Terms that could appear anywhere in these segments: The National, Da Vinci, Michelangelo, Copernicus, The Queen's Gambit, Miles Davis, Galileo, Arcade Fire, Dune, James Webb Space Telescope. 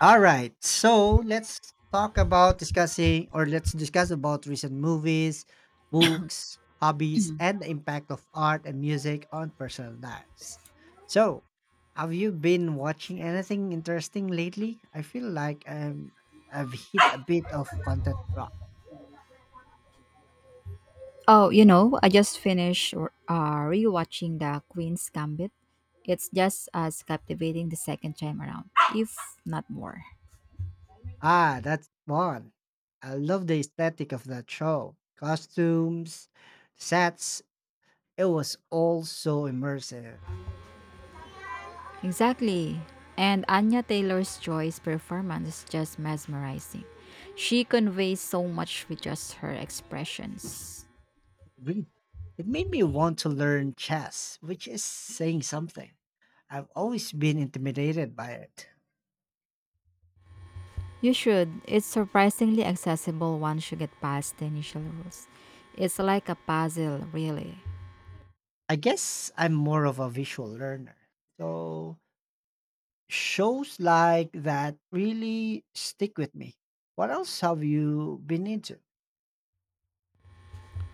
All right. So let's talk about discussing or let's discuss about recent movies, books, hobbies, and the impact of art and music on personal lives. So, have you been watching anything interesting lately? I feel like I've hit a bit of content drop. Oh, you know, I just finished rewatching The Queen's Gambit. It's just as captivating the second time around, if not more. Ah, that's one. I love the aesthetic of that show. Costumes, sets, it was all so immersive. Exactly. And Anya Taylor's Joy's performance is just mesmerizing. She conveys so much with just her expressions. Agreed. It made me want to learn chess, which is saying something. I've always been intimidated by it. You should. It's surprisingly accessible once you get past the initial rules. It's like a puzzle, really. I guess I'm more of a visual learner. So, shows like that really stick with me. What else have you been into?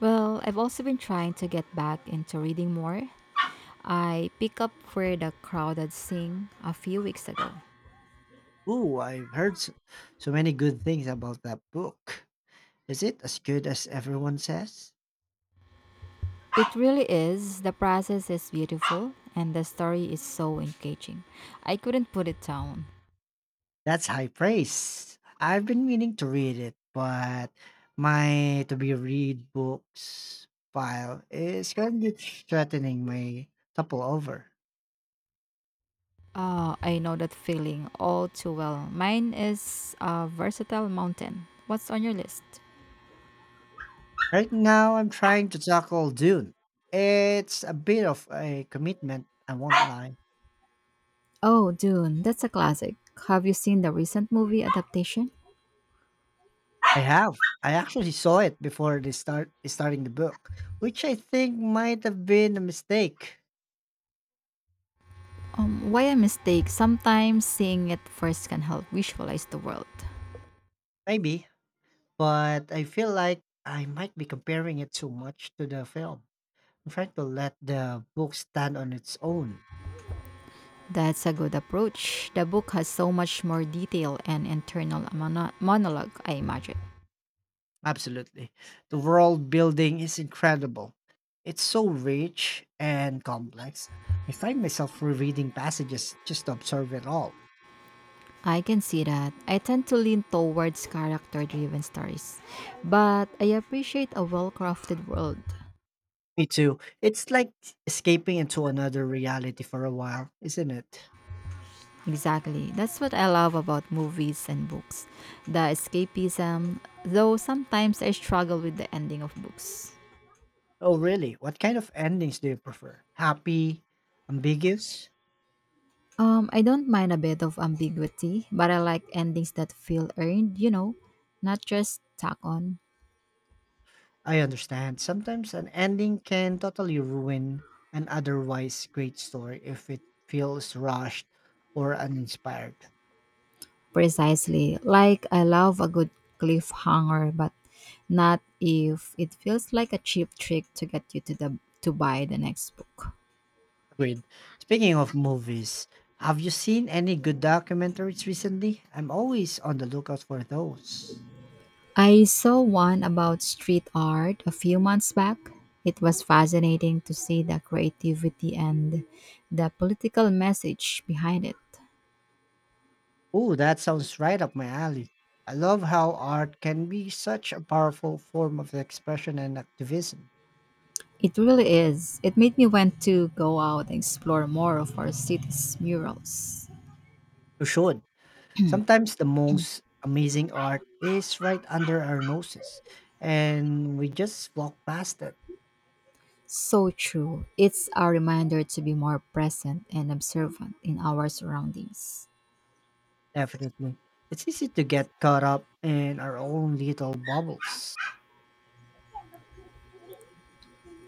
Well, I've also been trying to get back into reading more. I pick up where the crowded sing a few weeks ago. Ooh, I've heard so many good things about that book. Is it as good as everyone says? It really is. The process is beautiful and the story is so engaging. I couldn't put it down. That's high praise. I've been meaning to read it, but my to be read books file is currently threatening my topple over. Ah, I know that feeling all too well. Mine is a versatile mountain. What's on your list? Right now, I'm trying to tackle Dune. It's a bit of a commitment, I won't lie. Oh, Dune, that's a classic. Have you seen the recent movie adaptation? I have. I actually saw it before they starting the book, which I think might have been a mistake. Why a mistake? Sometimes seeing it first can help visualize the world. Maybe, but I feel like I might be comparing it too much to the film. Try to let the book stand on its own. That's a good approach. The book has so much more detail and internal monologue, I imagine. Absolutely. The world building is incredible. It's so rich and complex. I find myself rereading passages just to observe it all. I can see that. I tend to lean towards character driven stories, but I appreciate a well crafted world. Me too. It's like escaping into another reality for a while, isn't it? Exactly. That's what I love about movies and books. The escapism, though sometimes I struggle with the ending of books. Oh, really? What kind of endings do you prefer? Happy, ambiguous? I don't mind a bit of ambiguity, but I like endings that feel earned, you know, not just tack on. I understand. Sometimes an ending can totally ruin an otherwise great story if it feels rushed or uninspired. Precisely. Like I love a good cliffhanger, but not if it feels like a cheap trick to get you to buy the next book. Agreed. Speaking of movies, have you seen any good documentaries recently? I'm always on the lookout for those. I saw one about street art a few months back. It was fascinating to see the creativity and the political message behind it. Oh, that sounds right up my alley. I love how art can be such a powerful form of expression and activism. It really is. It made me want to go out and explore more of our city's murals. You should. Sometimes the most amazing art is right under our noses, and we just walk past it. So true. It's a reminder to be more present and observant in our surroundings. Definitely. It's easy to get caught up in our own little bubbles.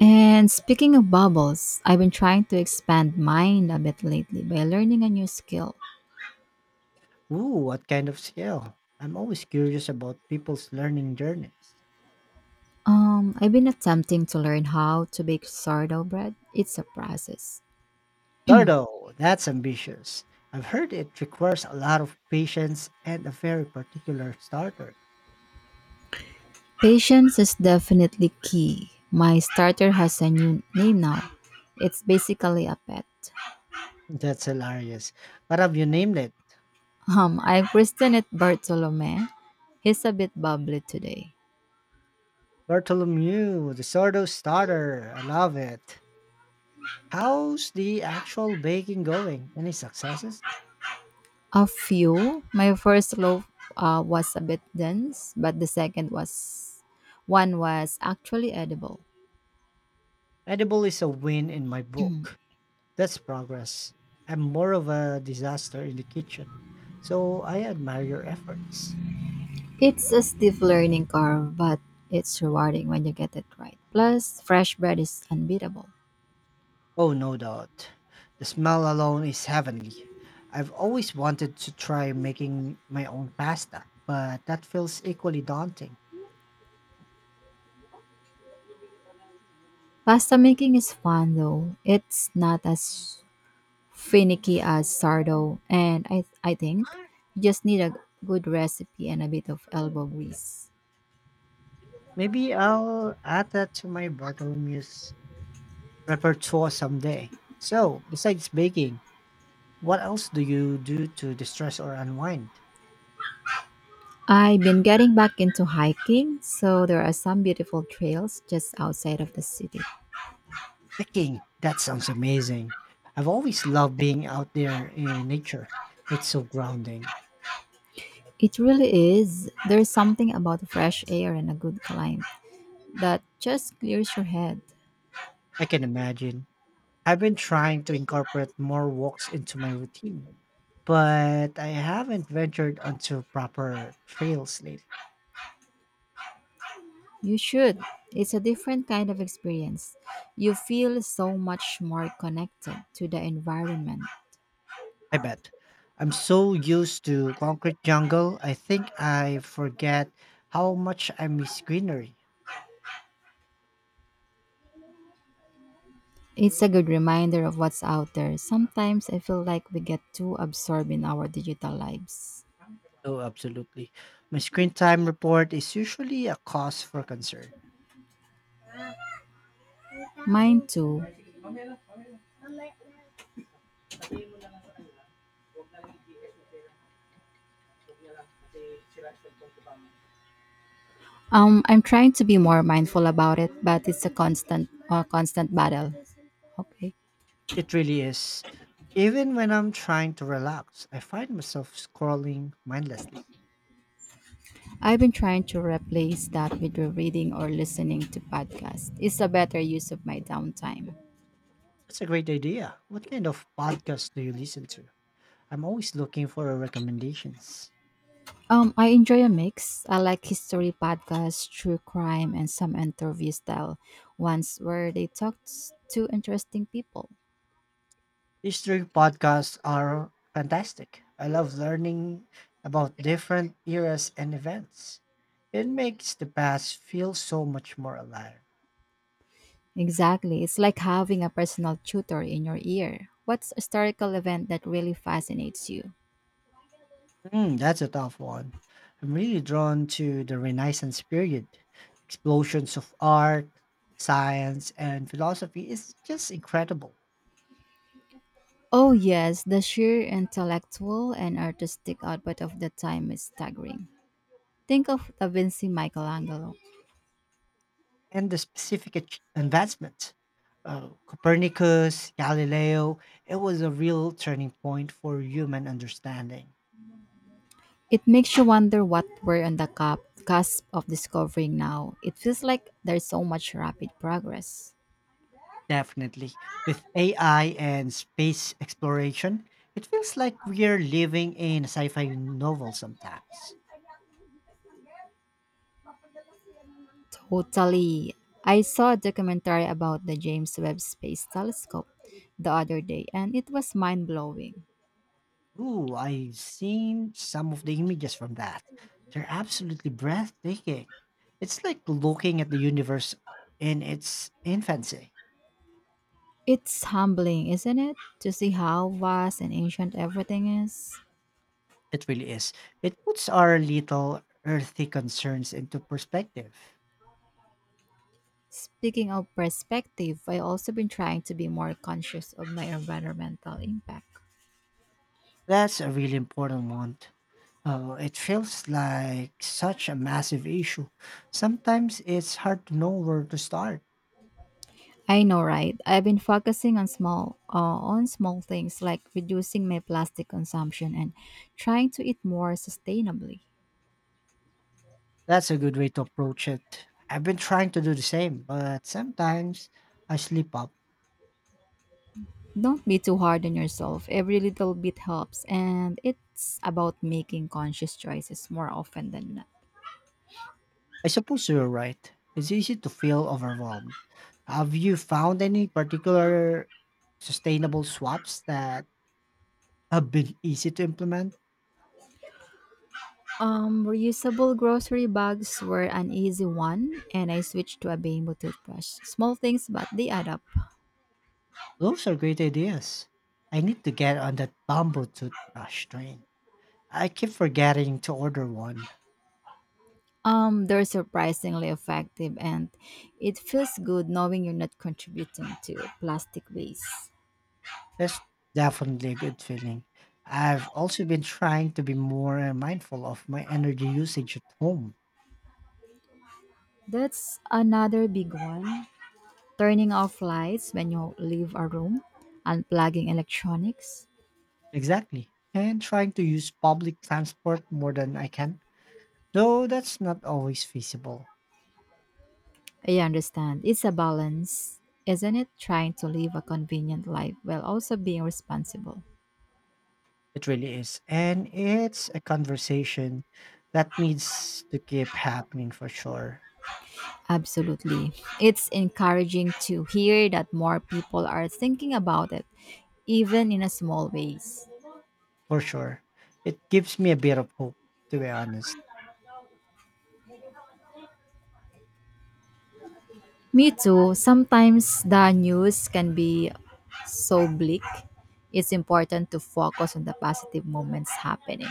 And speaking of bubbles, I've been trying to expand mine a bit lately by learning a new skill. Ooh, what kind of skill? I'm always curious about people's learning journeys. I've been attempting to learn how to bake sourdough bread. It's a process. Dardo, that's ambitious. I've heard it requires a lot of patience and a very particular starter. Patience is definitely key. My starter has a new name now. It's basically a pet. That's hilarious. What have you named it? I christened it Bartolome. He's a bit bubbly today. Bartholomew, the Sordo Starter. I love it. How's the actual baking going? Any successes? A few. My first loaf was a bit dense, but the second was one was actually edible. Edible is a win in my book. That's progress. I'm more of a disaster in the kitchen. So I admire your efforts. It's a stiff learning curve, but it's rewarding when you get it right. Plus, fresh bread is unbeatable. Oh, no doubt. The smell alone is heavenly. I've always wanted to try making my own pasta, but that feels equally daunting. Pasta making is fun though. It's not as finicky as sourdough, and I think you just need a good recipe and a bit of elbow grease. Maybe I'll add that to my Bartholomew's repertoire someday. So, besides baking, what else do you do to distress or unwind? I've been getting back into hiking, so there are some beautiful trails just outside of the city. Hiking. That sounds amazing. I've always loved being out there in nature. It's so grounding. It really is. There's something about fresh air and a good climb that just clears your head. I can imagine. I've been trying to incorporate more walks into my routine, but I haven't ventured onto proper trails lately. You should. It's a different kind of experience. You feel so much more connected to the environment. I bet. I'm so used to concrete jungle, I think I forget how much I miss greenery. It's a good reminder of what's out there. Sometimes I feel like we get too absorbed in our digital lives. Oh, absolutely. My screen time report is usually a cause for concern. Mine too. I'm trying to be more mindful about it, but it's a constant, constant battle. Okay. It really is. Even when I'm trying to relax, I find myself scrolling mindlessly. I've been trying to replace that with reading or listening to podcasts. It's a better use of my downtime. That's a great idea. What kind of podcast do you listen to? I'm always looking for recommendations. I enjoy a mix. I like history podcasts, true crime, and some interview style ones where they talk to interesting people. These three podcasts are fantastic. I love learning about different eras and events. It makes the past feel so much more alive. Exactly. It's like having a personal tutor in your ear. What's a historical event that really fascinates you? Mm, that's a tough one. I'm really drawn to the Renaissance period. Explosions of art, science, and philosophy is just incredible. Oh, yes, the sheer intellectual and artistic output of the time is staggering. Think of Da Vinci Michelangelo. And the specific advancements. Copernicus, Galileo, it was a real turning point for human understanding. It makes you wonder what we're on the cusp of discovering now. It feels like there's so much rapid progress. Definitely. With AI and space exploration, it feels like we're living in a sci fi novel sometimes. Totally. I saw a documentary about the James Webb Space Telescope the other day, and it was mind blowing. Ooh, I've seen some of the images from that. They're absolutely breathtaking. It's like looking at the universe in its infancy. It's humbling, isn't it, to see how vast and ancient everything is? It really is. It puts our little earthy concerns into perspective. Speaking of perspective, I also been trying to be more conscious of my environmental impact. That's a really important one. It feels like such a massive issue. Sometimes it's hard to know where to start. I know, right? I've been focusing on small things like reducing my plastic consumption and trying to eat more sustainably. That's a good way to approach it. I've been trying to do the same, but sometimes I slip up. Don't be too hard on yourself. Every little bit helps and it's about making conscious choices more often than not. I suppose you're right. It's easy to feel overwhelmed. Have you found any particular sustainable swaps that have been easy to implement? Reusable grocery bags were an easy one and I switched to a bamboo toothbrush. Small things but they add up. Those are great ideas. I need to get on that bamboo toothbrush train. I keep forgetting to order one. They're surprisingly effective, and it feels good knowing you're not contributing to plastic waste. That's definitely a good feeling. I've also been trying to be more mindful of my energy usage at home. That's another big one. Turning off lights when you leave a room, unplugging electronics. Exactly. And trying to use public transport more than I can. Though that's not always feasible. I understand. It's a balance, isn't it? Trying to live a convenient life while also being responsible. It really is. And it's a conversation that needs to keep happening for sure. Absolutely. It's encouraging to hear that more people are thinking about it, even in a small ways. For sure. It gives me a bit of hope, to be honest. Me too. Sometimes the news can be so bleak. It's important to focus on the positive moments happening.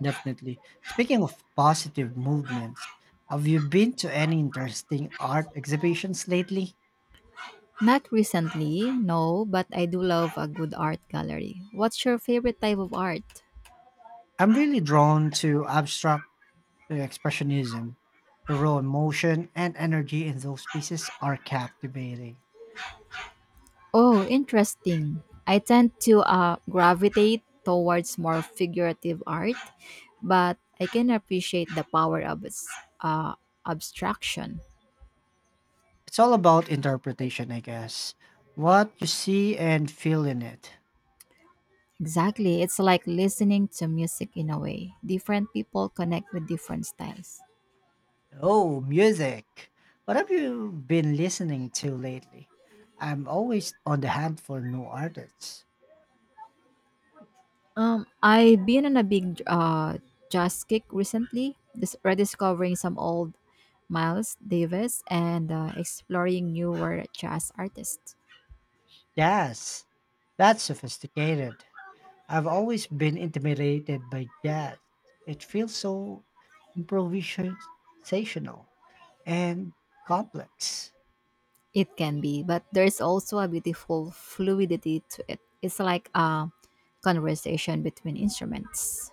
Definitely. Speaking of positive movements, have you been to any interesting art exhibitions lately? Not recently, no, but I do love a good art gallery. What's your favorite type of art? I'm really drawn to abstract expressionism. The raw emotion and energy in those pieces are captivating. Oh, interesting. I tend to gravitate towards more figurative art, but I can appreciate the power of its uh, abstraction. It's all about interpretation, I guess. What you see and feel in it. Exactly. It's like listening to music in a way. Different people connect with different styles. Oh, music. What have you been listening to lately? I'm always on the hunt for new artists. I've been on a big jazz kick recently, rediscovering some old Miles Davis and exploring newer jazz artists. Jazz. That's sophisticated. I've always been intimidated by jazz. It feels so improvisational and complex. It can be, but there's also a beautiful fluidity to it. It's like a conversation between instruments.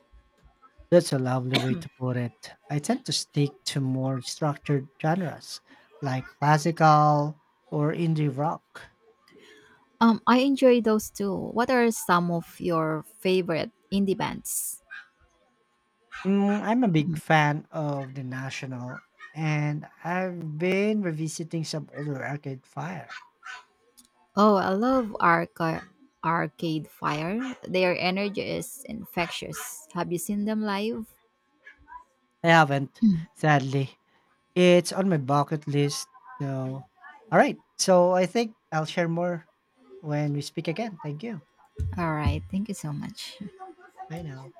That's a lovely way to put it. I tend to stick to more structured genres like classical or indie rock. I enjoy those too. What are some of your favorite indie bands? Mm, I'm a big fan of The National, and I've been revisiting some older Arcade Fire. Oh, I love Arcade Fire. Their energy is infectious. Have you seen them live? I haven't, sadly. It's on my bucket list, though. All right, so I think I'll share more when we speak again. Thank you. All right. Thank you so much. Bye now.